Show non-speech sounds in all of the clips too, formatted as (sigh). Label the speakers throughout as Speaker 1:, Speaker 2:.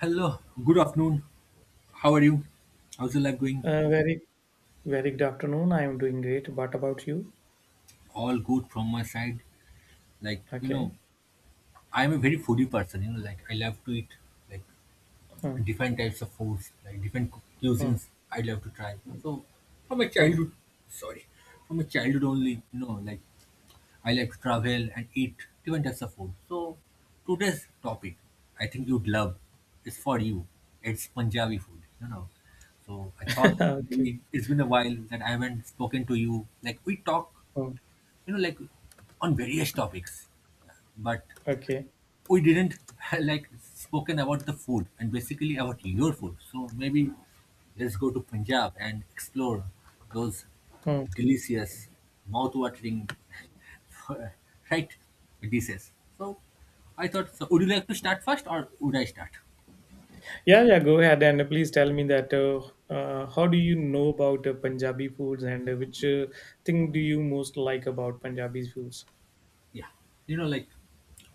Speaker 1: Hello, good afternoon. How are you? How's your life going?
Speaker 2: Uh, very, very good afternoon. I am doing great. What about you?
Speaker 1: All good from my side. Like,
Speaker 2: Okay.
Speaker 1: I'm a very foodie person, like I love to eat like
Speaker 2: Hmm,
Speaker 1: different types of foods, like different
Speaker 2: hmm,
Speaker 1: cuisines I love to try. So from my
Speaker 2: hmm.
Speaker 1: childhood sorry, from my childhood only, like I like to travel and eat different types of food. So today's topic, I think you'd love, is for you. It's Punjabi food. So I thought
Speaker 2: (laughs) Okay.
Speaker 1: maybe it's been a while that I haven't spoken to you. Like we talk,
Speaker 2: Hmm,
Speaker 1: like on various topics, but
Speaker 2: Okay.
Speaker 1: we didn't (laughs) like spoken about the food and basically about your food. So maybe let's go to Punjab and explore those
Speaker 2: Hmm.
Speaker 1: delicious, mouth-watering, (laughs) right dishes. So I thought, so would you like to start first or would I start?
Speaker 2: Yeah, yeah. Go ahead and please tell me that how do you know about Punjabi foods and which thing do you most like about Punjabi foods?
Speaker 1: Yeah, like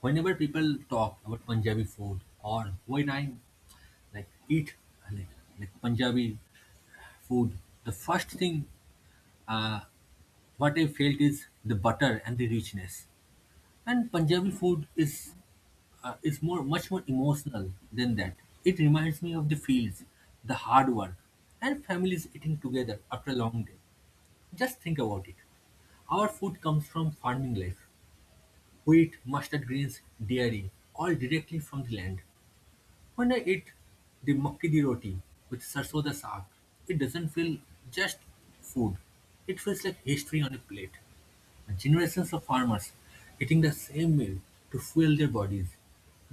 Speaker 1: whenever people talk about Punjabi food or when I like eat like, like Punjabi food, the first thing uh, What I felt is the butter and the richness. And Punjabi food is more much more emotional than that. It reminds me of the fields, the hard work, and families eating together after a long day. Just think about it. Our food comes from farming life. Wheat, mustard greens, dairy, all directly from the land. When I eat the makki di roti with sarson da saag, it doesn't feel just food. It feels like history on a plate. Generations of farmers eating the same meal to fuel their bodies.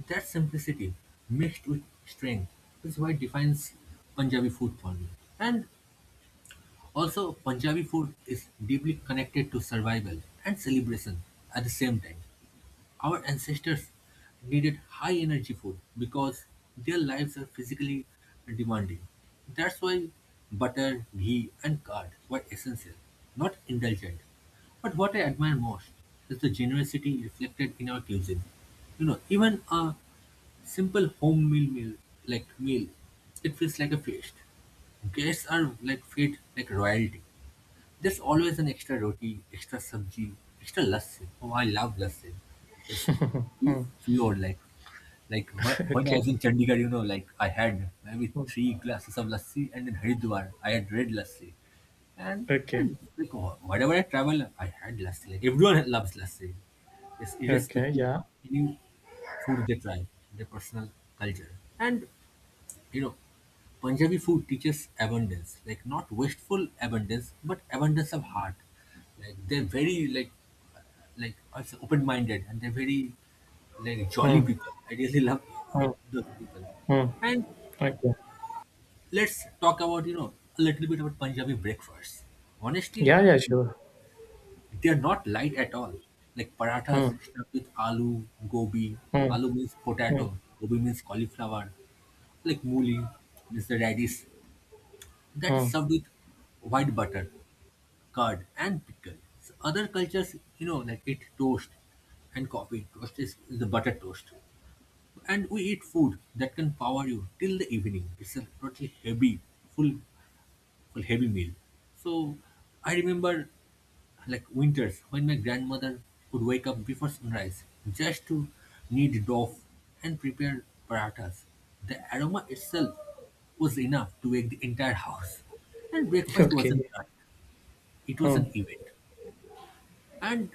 Speaker 1: That simplicity mixed with strength is what defines Punjabi food for me. And also, Punjabi food is deeply connected to survival and celebration at the same time. Our ancestors needed high energy food because their lives are physically demanding. That's why butter, ghee, and curd were essential, not indulgent. But what I admire most is the generosity reflected in our cuisine. You know, even a simple home meal, it feels like a feast. Guests are like fed like royalty. There's always an extra roti, extra sabji, extra lassi. Oh, I love lassi. It's
Speaker 2: Hmm.
Speaker 1: pure, like
Speaker 2: (laughs)
Speaker 1: when I
Speaker 2: Okay.
Speaker 1: was in Chandigarh, like I had maybe
Speaker 2: Hmm.
Speaker 1: three glasses of lassi, and in Haridwar I had red lassi. and,
Speaker 2: Okay.
Speaker 1: and like wherever I travel, I had lassi. Like everyone loves lassi. It's
Speaker 2: Okay.
Speaker 1: irrespective
Speaker 2: Yeah.
Speaker 1: of any food they try, their personal culture, and you know, Punjabi food teaches abundance, like not wasteful abundance, but abundance of heart. Like they're very like also open-minded and they're very like jolly
Speaker 2: Hmm.
Speaker 1: people. I really love
Speaker 2: Hmm.
Speaker 1: those people.
Speaker 2: Hmm. Okay.
Speaker 1: Let's talk about a little bit about Punjabi breakfast. Honestly,
Speaker 2: Yeah. Yeah. Sure.
Speaker 1: they're not light at all. Like parathas
Speaker 2: Hmm.
Speaker 1: stuffed with aloo, gobi.
Speaker 2: Hmm.
Speaker 1: Aloo means
Speaker 2: Hmm.
Speaker 1: potato, gobi means cauliflower. Like mooli means the radish that is
Speaker 2: Hmm.
Speaker 1: served with white butter, curd, and pickle. So other cultures, like eat toast and coffee. Toast is the butter toast. And we eat food that can power you till the evening. It's a totally heavy, full a heavy meal. So I remember like winters when my grandmother would wake up before sunrise just to knead dough and prepare parathas. The aroma itself was enough to wake the entire house. And
Speaker 2: (laughs)
Speaker 1: breakfast wasn't
Speaker 2: Okay.
Speaker 1: lunch, it was
Speaker 2: Hmm.
Speaker 1: an event. And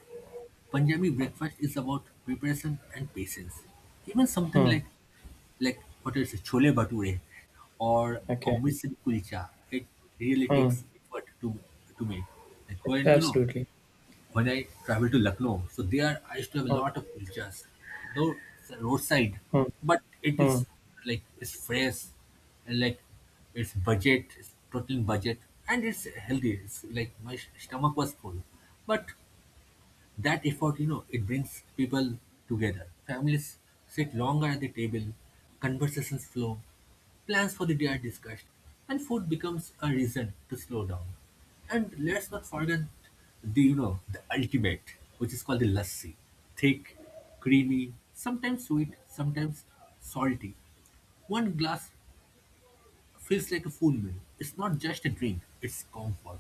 Speaker 1: Punjabi breakfast is about preparation and patience. Even something
Speaker 2: Hmm.
Speaker 1: like what is it, chole bhature or
Speaker 2: Okay.
Speaker 1: amritsari kulcha, it really
Speaker 2: Hmm.
Speaker 1: takes effort to make. Like when you know
Speaker 2: Absolutely.
Speaker 1: when I travel to Lucknow, so there I used to have a
Speaker 2: Huh,
Speaker 1: lot of kulchas, though it's a roadside,
Speaker 2: huh,
Speaker 1: but it
Speaker 2: huh.
Speaker 1: is like it's fresh and like it's budget, it's total budget, and it's healthy. It's like my stomach was full, but that effort, it brings people together. Families sit longer at the table, conversations flow, plans for the day are discussed, and food becomes a reason to slow down. And let's not forget the ultimate, which is called the lassi. Thick, creamy, sometimes sweet, sometimes salty. One glass feels like a full meal. It's not just a drink, it's comfort.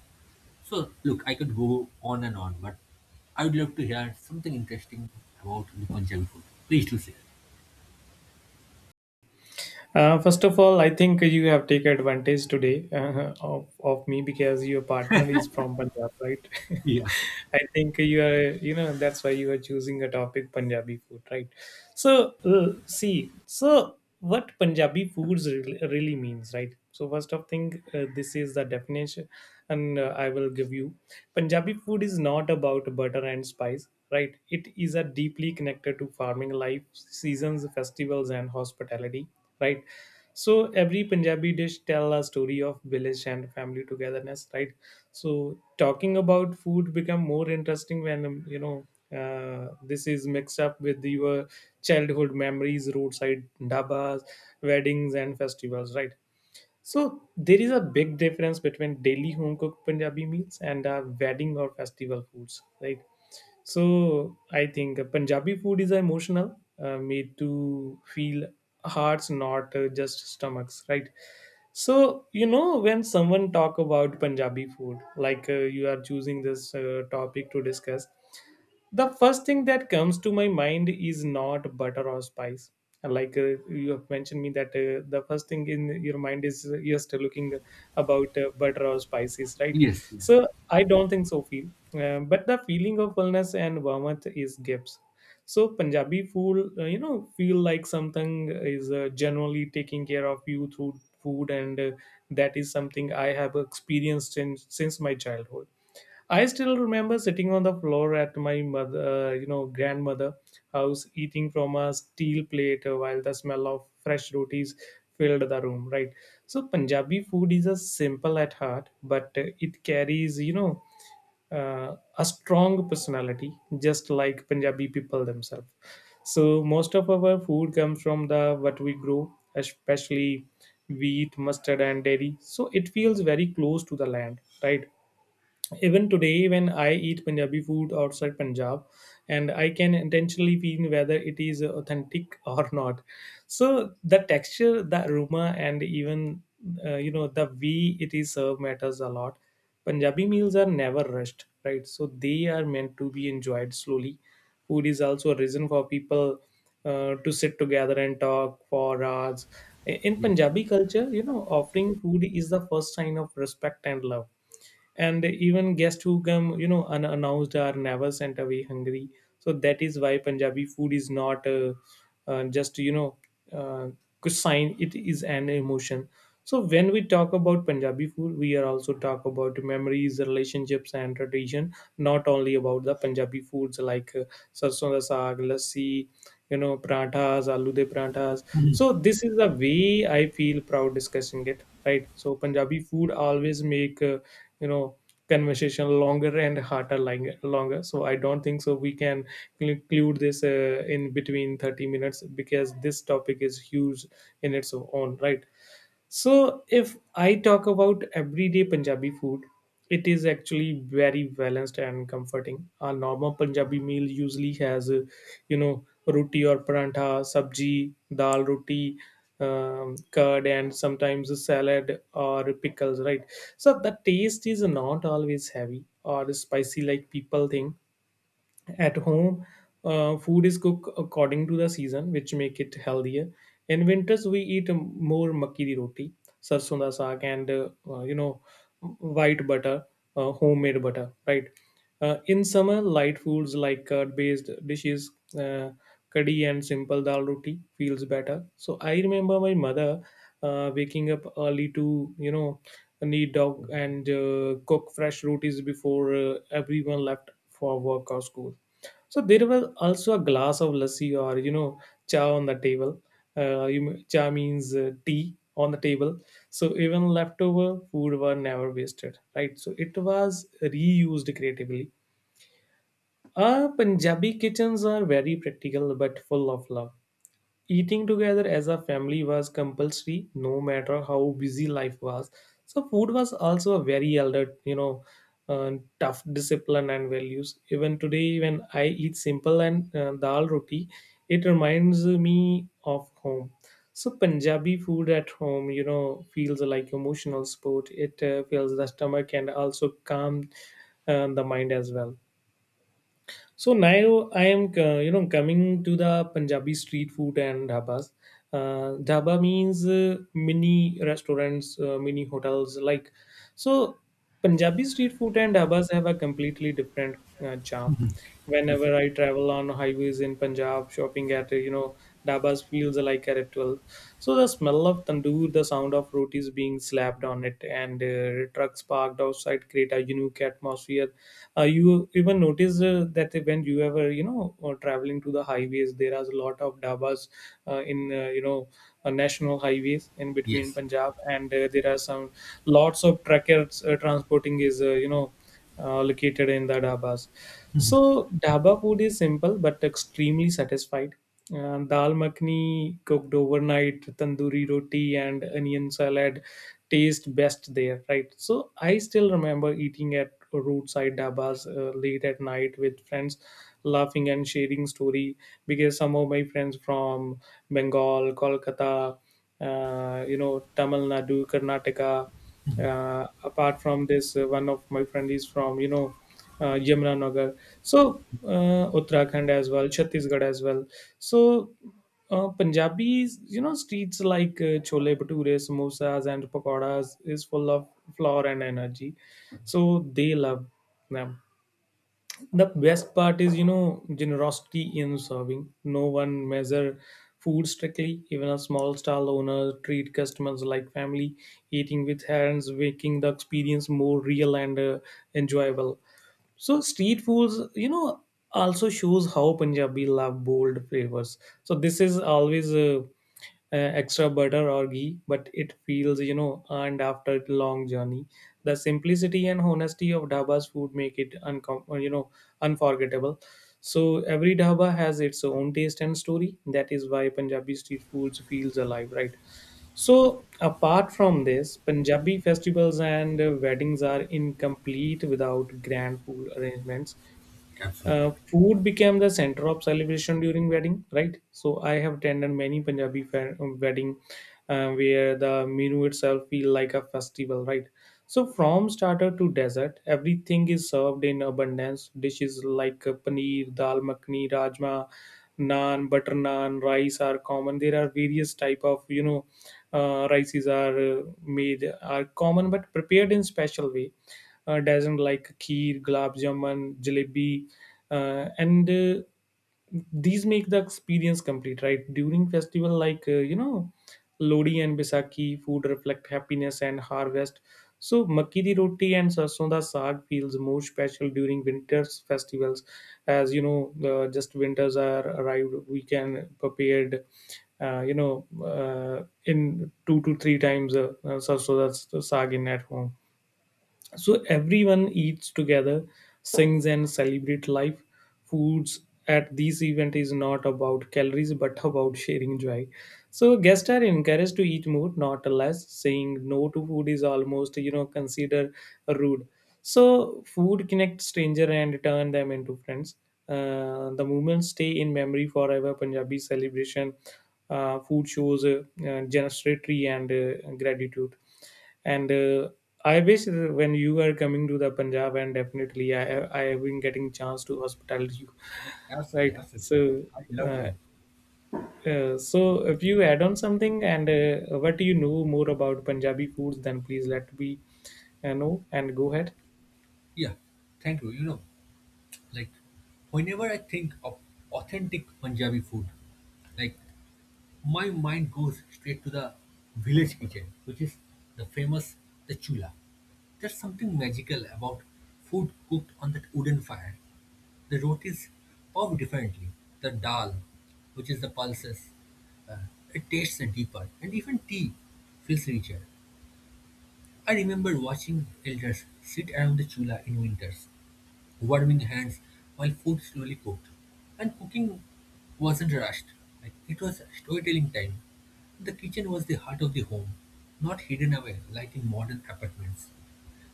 Speaker 1: So, look, I could go on and on, but I would love to hear something interesting about the Punjabi food. Please do share.
Speaker 2: First of all, I think you have taken advantage today of me because your partner is from Punjab, right?
Speaker 1: Yeah.
Speaker 2: (laughs) I think you are, you know, that's why you are choosing a topic Punjabi food, right? So, see, so what Punjabi foods really means, right? So, first of thing, this is the definition, and I will give you. Punjabi food is not about butter and spice, right? It is a deeply connected to farming life, seasons, festivals, and hospitality, right? So every Punjabi dish tell a story of village and family togetherness, right? So talking about food become more interesting when you know, this is mixed up with your childhood memories, roadside dabas, weddings, and festivals, right? So there is a big difference between daily home cooked Punjabi meals and wedding or festival foods, right? So I think Punjabi food is emotional, made to feel hearts, not just stomachs, right? So you know when someone talk about Punjabi food, like you are choosing this topic to discuss, the first thing that comes to my mind is not butter or spice like you have mentioned me that the first thing in your mind is you're still looking about butter or spices, right,
Speaker 1: Yes, yes,
Speaker 2: so I don't think so feel, but the feeling of fullness and warmth is gifts. So Punjabi food, you know, feel like something is generally taking care of you through food, and that is something I have experienced since my childhood. I still remember sitting on the floor at my mother, you know, grandmother house, eating from a steel plate while the smell of fresh rotis filled the room. Right. So Punjabi food is a simple at heart, but it carries, you know, a strong personality, just like Punjabi people themselves. So most of our food comes from the what we grow, especially wheat, mustard, and dairy. So it feels very close to the land, right? Even today, when I eat Punjabi food outside Punjab, and I can intentionally feel whether it is authentic (laughs) or not. So the texture, the aroma, and even you know, the way it is served matters a lot. Punjabi meals are never rushed, right? So they are meant to be enjoyed slowly. Food is also a reason for people to sit together and talk for hours. In
Speaker 1: yes,
Speaker 2: Punjabi culture, you know, offering food is the first sign of respect and love, and even guests who come you know unannounced are never sent away hungry. So that is why Punjabi food is not just, you know, uh, good sign, it is an emotion. So when we talk about Punjabi food, we are also talk about memories, relationships and tradition, not only about the Punjabi foods like sarson da saag, lassi, you know, parathas, aloo de parathas. So this is the way I feel proud discussing it, right? So Punjabi food always make, you know, conversation longer and longer. So I don't think so we can include this in between 30 minutes because this topic is huge in its own right. So, if I talk about everyday Punjabi food, it is actually very balanced and comforting. A normal Punjabi meal usually has, you know, roti or parantha, sabji, dal roti, curd, and sometimes a salad or pickles, right? So, the taste is not always heavy or spicy like people think. At home, food is cooked according to the season, which make it healthier. In winters, we eat more makki di roti, sarson da saag, and you know, white butter, homemade butter, right? In summer, light foods like curd based dishes, uh, kadhi and simple dal roti feels better. So I remember my mother waking up early to, you know, knead dog and cook fresh rotis before everyone left for work or school. So there was also a glass of lassi or, you know, cha on the table. Cha means tea on the table. So even leftover food were never wasted, right? So it was reused creatively. Punjabi kitchens are very practical but full of love. Eating together as a family was compulsory, no matter how busy life was. So food was also a very elder, you know, uh, tough discipline and values. Even today, when I eat simple and dal roti, it reminds me of home. So Punjabi food at home, you know, feels like emotional sport. It fills the stomach and also calms the mind as well. So now I am, you know, coming to the Punjabi street food and dhabas. Dhaba means mini restaurants, mini hotels. Like, so Punjabi street food and dhabas have a completely different charm.
Speaker 1: absolutely.
Speaker 2: Whenever I travel on highways in Punjab, shopping at you know, dhabas feels like a ritual. So the smell of tandoor, the sound of rotis being slapped on it, and trucks parked outside create a unique atmosphere. You even notice that when you ever you know traveling to the highways, there are a lot of dabas in you know, national highways in between
Speaker 1: Yes,
Speaker 2: Punjab, and there are some lots of truckers transporting is, you know, located in the dabas. So dhaba food is simple but extremely satisfied. Dal makhni cooked overnight, tandoori roti and onion salad taste best there, right? So I still remember eating at roadside dabas late at night with friends, laughing and sharing story, because some of my friends from Bengal, Kolkata, you know, Tamil Nadu, Karnataka. Apart from this, one of my friend is from, you know, Yamunanagar, so Uttarakhand as well, Chhattisgarh as well. So Punjabi's, you know, streets like chole bhature, samosas, and pakoras is full of flair and energy, so they love them. The best part is, you know, generosity in serving. No one measure food strictly. Even a small stall owner treat customers like family, eating with hands making the experience more real and enjoyable. So street foods, you know, also shows how Punjabi love bold flavors. So this is always extra butter or ghee, but it feels, you know, earned after a long journey. The simplicity and honesty of Dhaba's food make it, you know, unforgettable. So every Dhaba has its own taste and story. That is why Punjabi street foods feels alive, right? So, apart from this, Punjabi festivals and weddings are incomplete without grand food arrangements.
Speaker 1: absolutely.
Speaker 2: Food became the center of celebration during wedding, right? So I have attended many wedding where the menu itself feel like a festival, right? So from starter to dessert, everything is served in abundance. Dishes like paneer, dal makhani, rajma, naan, butter naan, rice are common. There are various type of, you know, rices are made are common but prepared in special way, doesn't like kheer, gulab jamun, jalebi, and these make the experience complete. Right, during festival like, you know, Lodi and Baisakhi, food reflect happiness and harvest. So makki di roti and sarson da saag feels more special during winters festivals, as you know, just winters are arrived. We can prepared, you know, in two to three times sarson da saag in at home. So everyone eats together, sings and celebrate life. Foods at these event is not about calories but about sharing joy. So guests are encouraged to eat more, not less. Saying no to food is almost, you know, considered rude. So food connects stranger and turn them into friends. The moments stay in memory forever. Punjabi celebration food shows generosity and gratitude, and I wish when you are coming to the Punjab, and definitely I have been getting chance to hospital you. (laughs)
Speaker 1: Absolutely,
Speaker 2: Right. So
Speaker 1: absolutely. I'd love
Speaker 2: uh,
Speaker 1: to.
Speaker 2: so if you add on something and what do you know more about Punjabi foods, then please let me know and go ahead.
Speaker 1: Yeah, thank you. Like whenever I think of authentic Punjabi food, like my mind goes straight to the village kitchen, which is the famous the chula. There's something magical about food cooked on that wooden fire. The rotis pop differently. The dal, which is the pulses, uh, it tastes deeper, and even tea feels richer. I remember watching elders sit around the chula in winters, warming hands while food slowly cooked. And cooking wasn't rushed; like, it was storytelling time. The kitchen was the heart of the home, not hidden away like in modern apartments.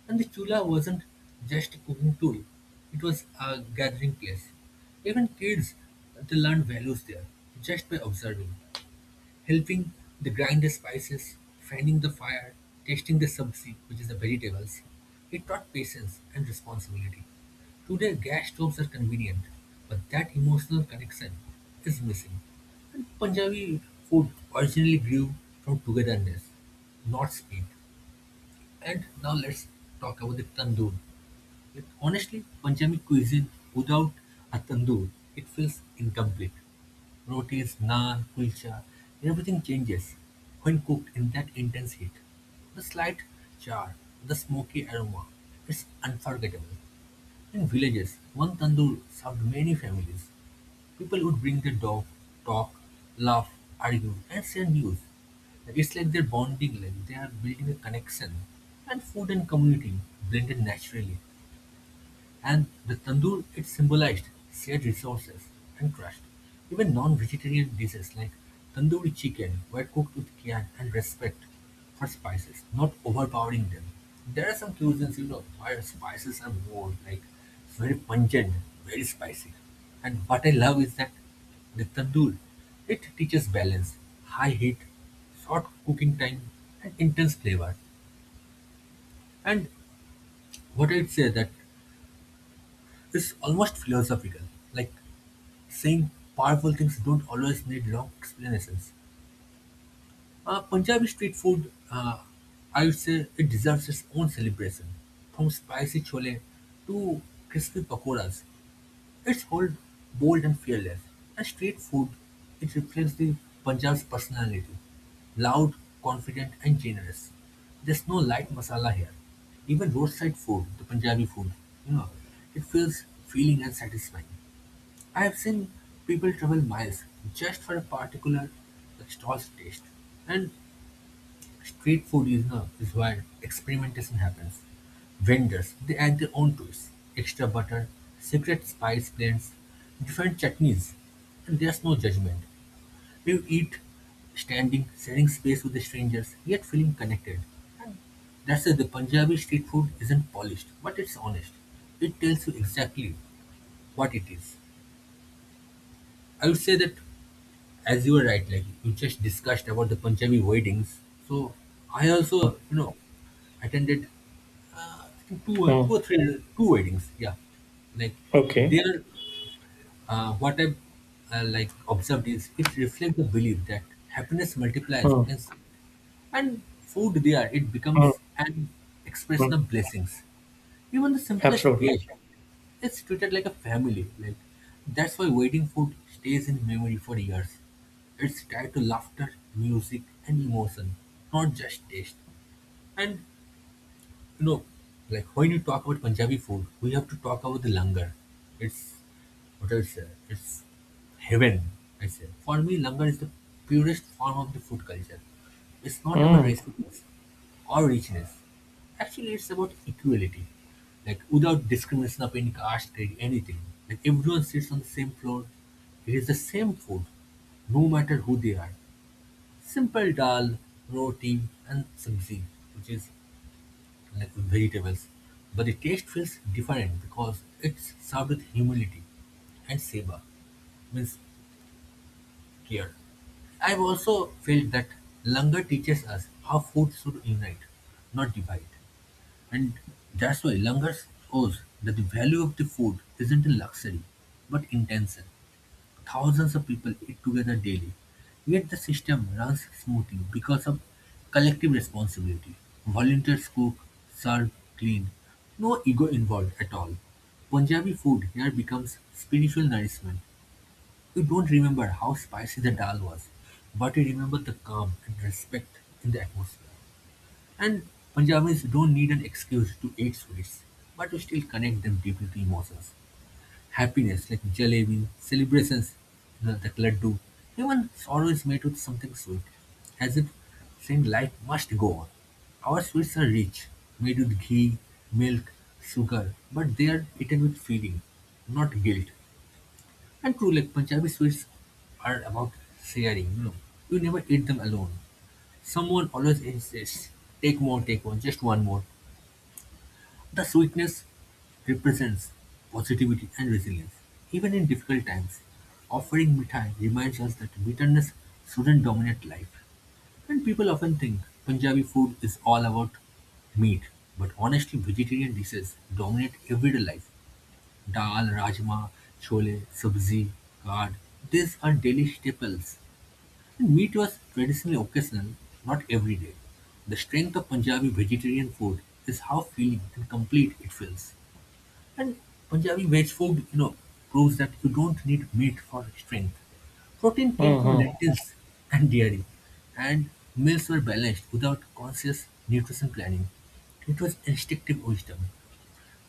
Speaker 1: And the chula wasn't just a cooking tool, it was a gathering place. Even kids, they learned values there just by observing, helping the grind the spices, fanning the fire, tasting the sabzi, which is the vegetables. It taught patience and responsibility. Today, gas stoves are convenient, but that emotional connection is missing. And Punjabi food originally grew from togetherness, not speed. And now let's talk about the tandoor. With honestly Punjabi cuisine without a tandoor, it feels incomplete. Rotis, naan, kulcha, everything changes when cooked in that intense heat. The slight char, the smoky aroma, it's unforgettable. In villages, one tandoor served many families. People would bring their dog, talk, laugh, argue, and share news. It's like they're bonding, like they are building a connection. And food and community blended naturally. And with tandoor it symbolized shared resources and trust. Even non-vegetarian dishes like tandoori chicken were cooked with care and respect for spices, not overpowering them. There are some cuisines, where spices are more like it's very pungent, very spicy. And what I love is that the tandoor, it teaches balance, high heat, short cooking time, and intense flavor. And what I'd say that it's almost philosophical. Like saying powerful things don't always need long explanations. Punjabi street food, I would say it deserves its own celebration. From spicy chole to crispy pakoras, it's bold, bold and fearless. And street food, it reflects the Punjab's personality. Loud, confident and generous. There's no light masala here. Even roadside food, the Punjabi food, you know, it feels feeling and satisfying. I have seen people travel miles just for a particular stall's taste. And street food is where experimentation happens. Vendors, they add their own twists, extra butter, secret spice blends, different chutneys, and there's no judgment. You eat standing, sharing space with the strangers, yet feeling connected. That's why the Punjabi street food isn't polished, but it's honest. It tells you exactly what it is. I would say that as you were right, like you just discussed about the Punjabi weddings. So I also, attended I think two, or-
Speaker 2: Hmm.
Speaker 1: two or three, two weddings. Yeah, like they
Speaker 2: Okay.
Speaker 1: are what I like observed is it reflects the belief that happiness multiplies,
Speaker 2: Hmm.
Speaker 1: and food there it
Speaker 2: Hmm.
Speaker 1: becomes an
Speaker 2: Hmm.
Speaker 1: expression of blessings. Even the simplest
Speaker 2: Absolutely.
Speaker 1: dish is treated like a family. Like that's why wedding food stays in memory for years. It's tied to laughter, music, and emotion, not just taste. And no, like when you talk about Punjabi food, we have to talk about the langar. It's what I say, it's heaven. I say for me, langar is the purest form of the food culture. It's not about recipes or richness. Actually, it's about equality, like without discrimination of any caste, anything. Like everyone sits on the same floor. It is the same food, no matter who they are. Simple dal, roti, and sabzi, which is like vegetables, but the taste feels different because it's served with humility and seva, means care. I've also felt that langar teaches us how food should unite, not divide. And that's why langar shows that the value of the food isn't in luxury, but intention. Thousands of people eat together daily. Yet the system runs smoothly because of collective responsibility. Volunteers cook, serve, clean. No ego involved at all. Punjabi food here becomes spiritual nourishment. We don't remember how spicy the dal was, but we remember the calm and respect in the atmosphere. And Punjabis don't need an excuse to eat sweets, but we still connect them deeply to emotions. Happiness, like jalebi, celebrations, that laddu, even sorrow is made with something sweet, as if saying life must go on. Our sweets are rich, made with ghee, milk, sugar, but they are eaten with feeling, not guilt. And true, like Punjabi sweets are about sharing, you know. You never eat them alone. Someone always insists, take more, take one, just one more. The sweetness represents positivity and resilience, even in difficult times. Offering mithai reminds us that bitterness shouldn't dominate life. And people often think Punjabi food is all about meat, but honestly, vegetarian dishes dominate everyday life. Dal, rajma, chole, sabzi, curd, these are daily staples. And meat was traditionally occasional, not every day. The strength of Punjabi vegetarian food is how filling and complete it feels. And Punjabi veg food, proves that you don't need meat for strength. Protein came from
Speaker 2: Mm-hmm.
Speaker 1: lentils and dairy, and meals were balanced without conscious nutrition planning. It was instinctive wisdom.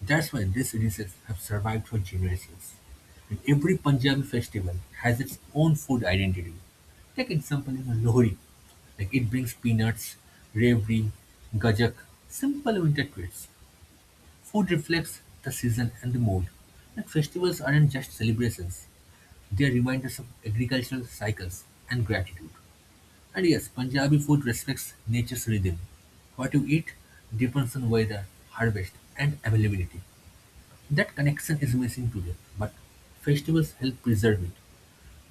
Speaker 1: That's why these dishes have survived for generations. And every Punjabi festival has its own food identity. Take example in Lohri. Like it brings peanuts, rabri, gajak, simple winter treats. Food reflects the season and the mood. Like festivals aren't just celebrations, they are reminders of agricultural cycles and gratitude. And yes, Punjabi food respects nature's rhythm. What you eat depends on weather, harvest, and availability. That connection is missing today, but festivals help preserve it.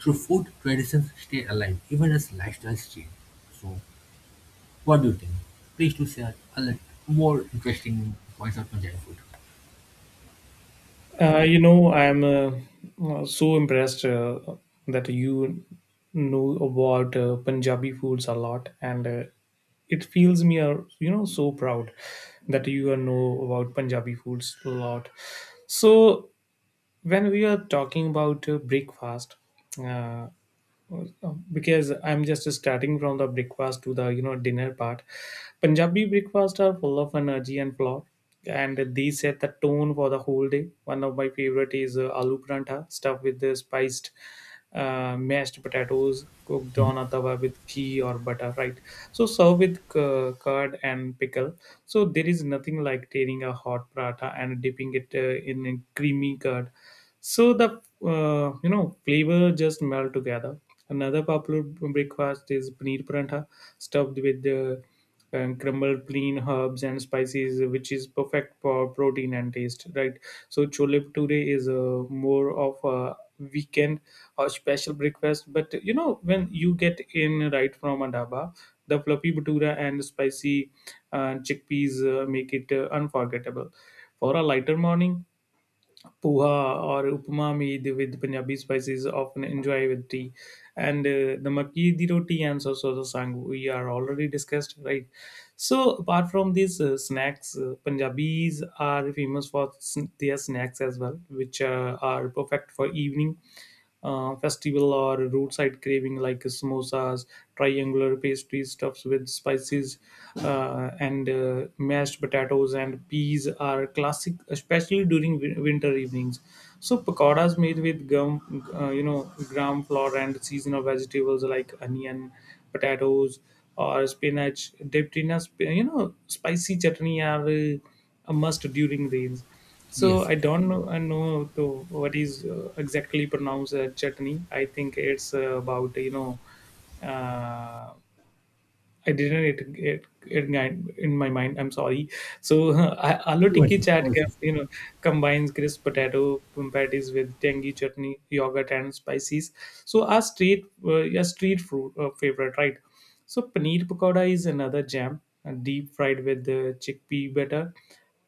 Speaker 1: Through food, traditions stay alive even as lifestyles change. So, what do you think? Please do share a lot more interesting points of Punjabi food.
Speaker 2: I'm so impressed that you know about Punjabi foods a lot, and it feels me, so proud that you know about Punjabi foods a lot. So, when we are talking about breakfast, uh, because I'm just starting from the breakfast to the dinner part. Punjabi breakfasts are full of energy and flour, and these set the tone for the whole day. One of my favorite is aloo parantha, stuffed with the spiced mashed potatoes cooked on a tawa with ghee or butter, right? So serve with curd and pickle. So there is nothing like tearing a hot paratha and dipping it in a creamy curd. So the flavor just melt together. Another popular breakfast is paneer parantha stuffed with crumbled plain herbs and spices, which is perfect for protein and taste. Right. So chole bhature is more of a weekend or special breakfast. But you know, when you get in right from a dhaba, the fluffy bhatura and spicy chickpeas make it unforgettable. For a lighter morning, poha or upma made with Punjabi spices often enjoy with tea. And the makki di roti and the sang we are already discussed, right? So apart from these snacks, Punjabis are famous for their snacks as well, which are perfect for evening festival or roadside craving like samosas, triangular pastries stuffed with spices, and mashed potatoes and peas are classic, especially during winter evenings. So pakoras made with gram flour and seasonal vegetables like onion, potatoes, or spinach dipped in a spicy chutney are. A must during rains. So
Speaker 1: Yes.
Speaker 2: I don't know, I know to what is exactly pronounced chutney. I think it's about uh, I didn't it in my mind. I'm sorry. So (laughs) aloo tikki
Speaker 1: Voices,
Speaker 2: chaat
Speaker 1: voices.
Speaker 2: combines crisp potato patties with tangy chutney, yogurt, and spices. So our street yeah street fruit favorite, right? So paneer pakoda is another jam, deep fried with the chickpea butter,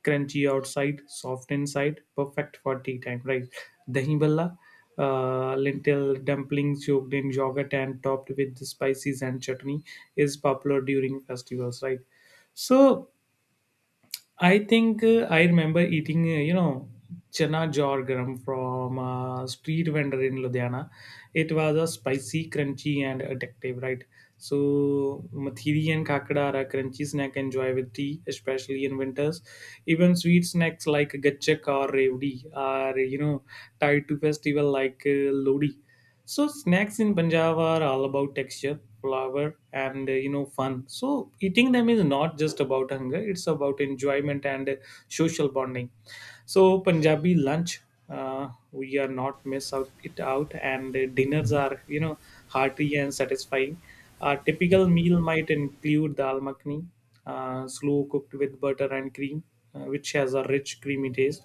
Speaker 2: crunchy outside, soft inside, perfect for tea time, right? Dahi bhalla, lentil dumplings soaked in yogurt and topped with spices and chutney, is popular during festivals, right? So I think I remember eating, chana jorgram from a street vendor in Ludhiana. It was a spicy, crunchy, and addictive, right? So, mathiri and kakada are a crunchy snack enjoy with tea, especially in winters. Even sweet snacks like gachak or revdi are, tied to festival like lodi. So snacks in Punjab are all about texture, flavor, and fun. So eating them is not just about hunger; it's about enjoyment and social bonding. So Punjabi lunch, we are not miss out it out, and dinners are hearty and satisfying. A typical meal might include dal makhni, slow cooked with butter and cream, which has a rich creamy taste.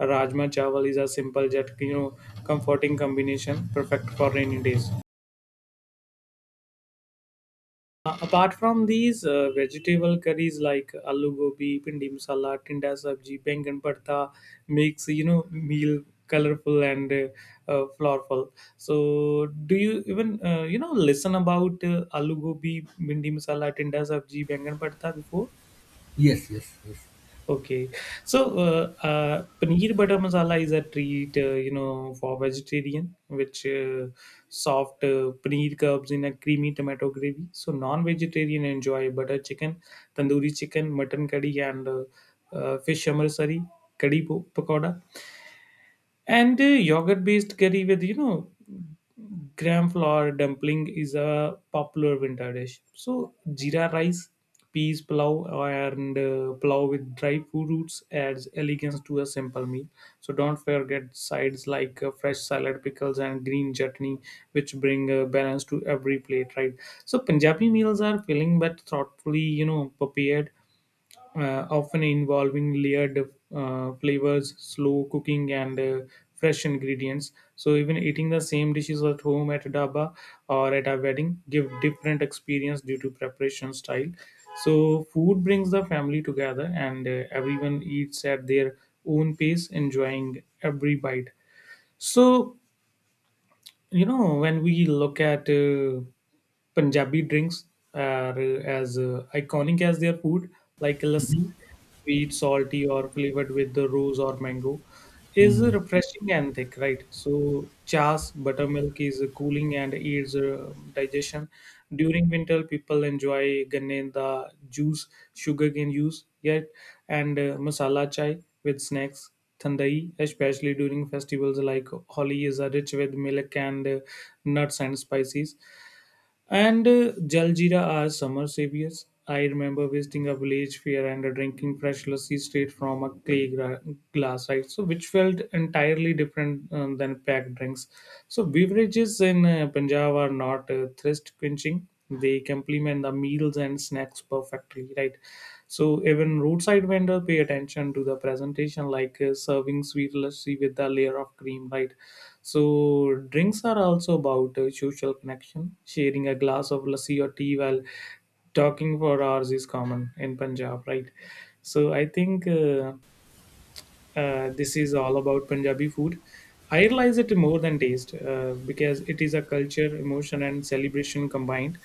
Speaker 2: Rajma chawal is a simple yet comforting combination, perfect for rainy days. Apart from these, vegetable curries like aloo gobi, pindi masala, tinda sabji, bangan bharta makes meal colorful and flourful. So, do you even listen about aloo gobi, pindi masala, tinda sabji, bangan bharta before?
Speaker 1: Yes, yes, yes.
Speaker 2: Okay, so paneer butter masala is a treat, for vegetarian, which soft paneer cubes in a creamy tomato gravy. So non-vegetarian enjoy butter chicken, tandoori chicken, mutton curry, and fish amritsari, curry pakoda and yogurt based curry with gram flour dumpling is a popular winter dish. So jeera rice, peas pulao, and pulao with dry fruit roots adds elegance to a simple meal. So don't forget sides like fresh salad, pickles, and green chutney, which bring balance to every plate, right? So Punjabi meals are filling but thoughtfully prepared, often involving layered flavors, slow cooking, and fresh ingredients. So even eating the same dishes at home, at a dhaba, or at a wedding give different experience due to preparation style. So food brings the family together, and everyone eats at their own pace, enjoying every bite. So when we look at Punjabi drinks are as iconic as their food, like lassi, sweet salty or flavored with the rose or mango, is refreshing and thick, right? So chas buttermilk is cooling and aids digestion. During winter people enjoy ganne the juice, sugarcane juice yet, and masala chai with snacks. Thandai, especially during festivals like Holi, is rich with milk and nuts and spices. And Jaljeera are summer saviors. I remember visiting a village fair and drinking fresh lassi straight from a clay glass, right? So, which felt entirely different than packed drinks. So, beverages in Punjab are not thirst quenching; they complement the meals and snacks perfectly, right? So, even roadside vendor pay attention to the presentation, like serving sweet lassi with a layer of cream, right? So drinks are also about social connection. Sharing a glass of lassi or tea while talking for hours is common in Punjab, right? So I think this is all about Punjabi food. I realize it more than taste because it is a culture, emotion, and celebration combined.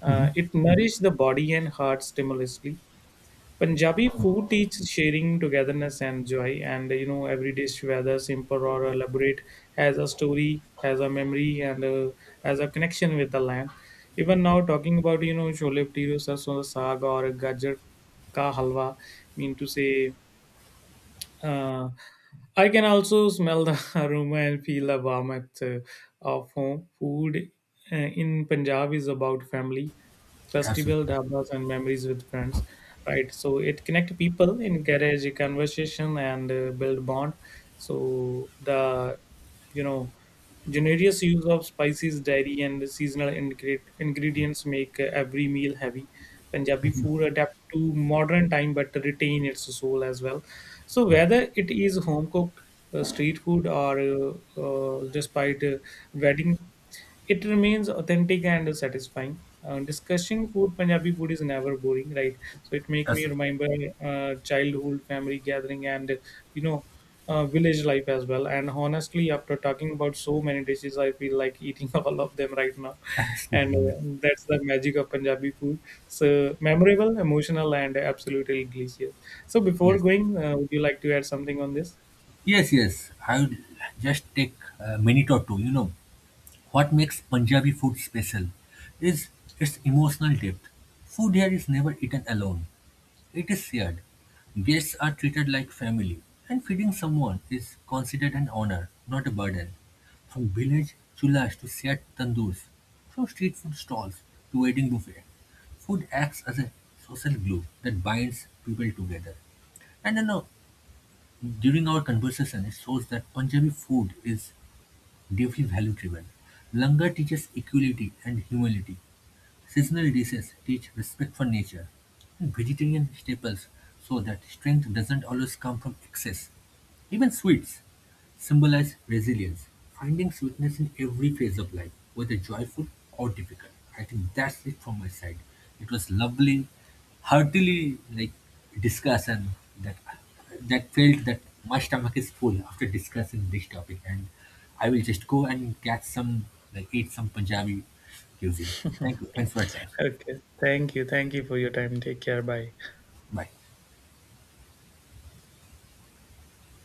Speaker 2: It nourishes the body and heart stimulously. Punjabi food teaches sharing, togetherness, and joy. And you know, every dish, whether simple or elaborate, has a story, has a memory, and has a connection with the land. Even now, talking about chole bhature, sarson da saag, or gajar ka halwa, mean to say uh, I can also smell the (laughs) aroma and feel the warmth of home. Food in Punjab is about family, festival,
Speaker 1: Absolutely. Yeah.
Speaker 2: dabas, and memories with friends, right? So it connect people, encourage a conversation, and build bond. So the you know generous use of spices, dairy, and seasonal ingredients make every meal heavy. Punjabi food adapt to modern time but retain its soul as well. So whether it is home cooked, street food, or despite wedding, it remains authentic and satisfying. Discussing food, Punjabi food is never boring, right? So it make me
Speaker 1: Absolutely.
Speaker 2: remember childhood, family gathering, and you know, village life as well. And honestly, after talking about so many dishes, I feel like eating (laughs) all of them right now, and
Speaker 1: Absolutely. Yeah.
Speaker 2: that's the magic of Punjabi food. So memorable, emotional, and absolutely delicious. So before
Speaker 1: Yes.
Speaker 2: going, would you like to add something on this?
Speaker 1: Yes, yes. I will just take a minute or two. You know, what makes Punjabi food special is its emotional depth. Food here is never eaten alone. It is shared. Guests are treated like family, and feeding someone is considered an honor, not a burden. From village chullas to shared tandoors, from street food stalls to wedding buffet, food acts as a social glue that binds people together. And during our conversation, it shows that Punjabi food is deeply value driven. Langar teaches equality and humility, seasonal dishes teach respect for nature, vegetarian staples show that strength doesn't always come from excess. Even sweets, symbolize resilience, finding sweetness in every phase of life, whether joyful or difficult. I think that's it from my side. It was lovely, heartily like discussion that that felt that my stomach is full after discussing this topic, and I will just go and catch some like eat some Punjabi cuisine. Thank you. Thanks for your time.
Speaker 2: Okay. Thank you. Thank you for your time. Take care. Bye.
Speaker 1: Bye.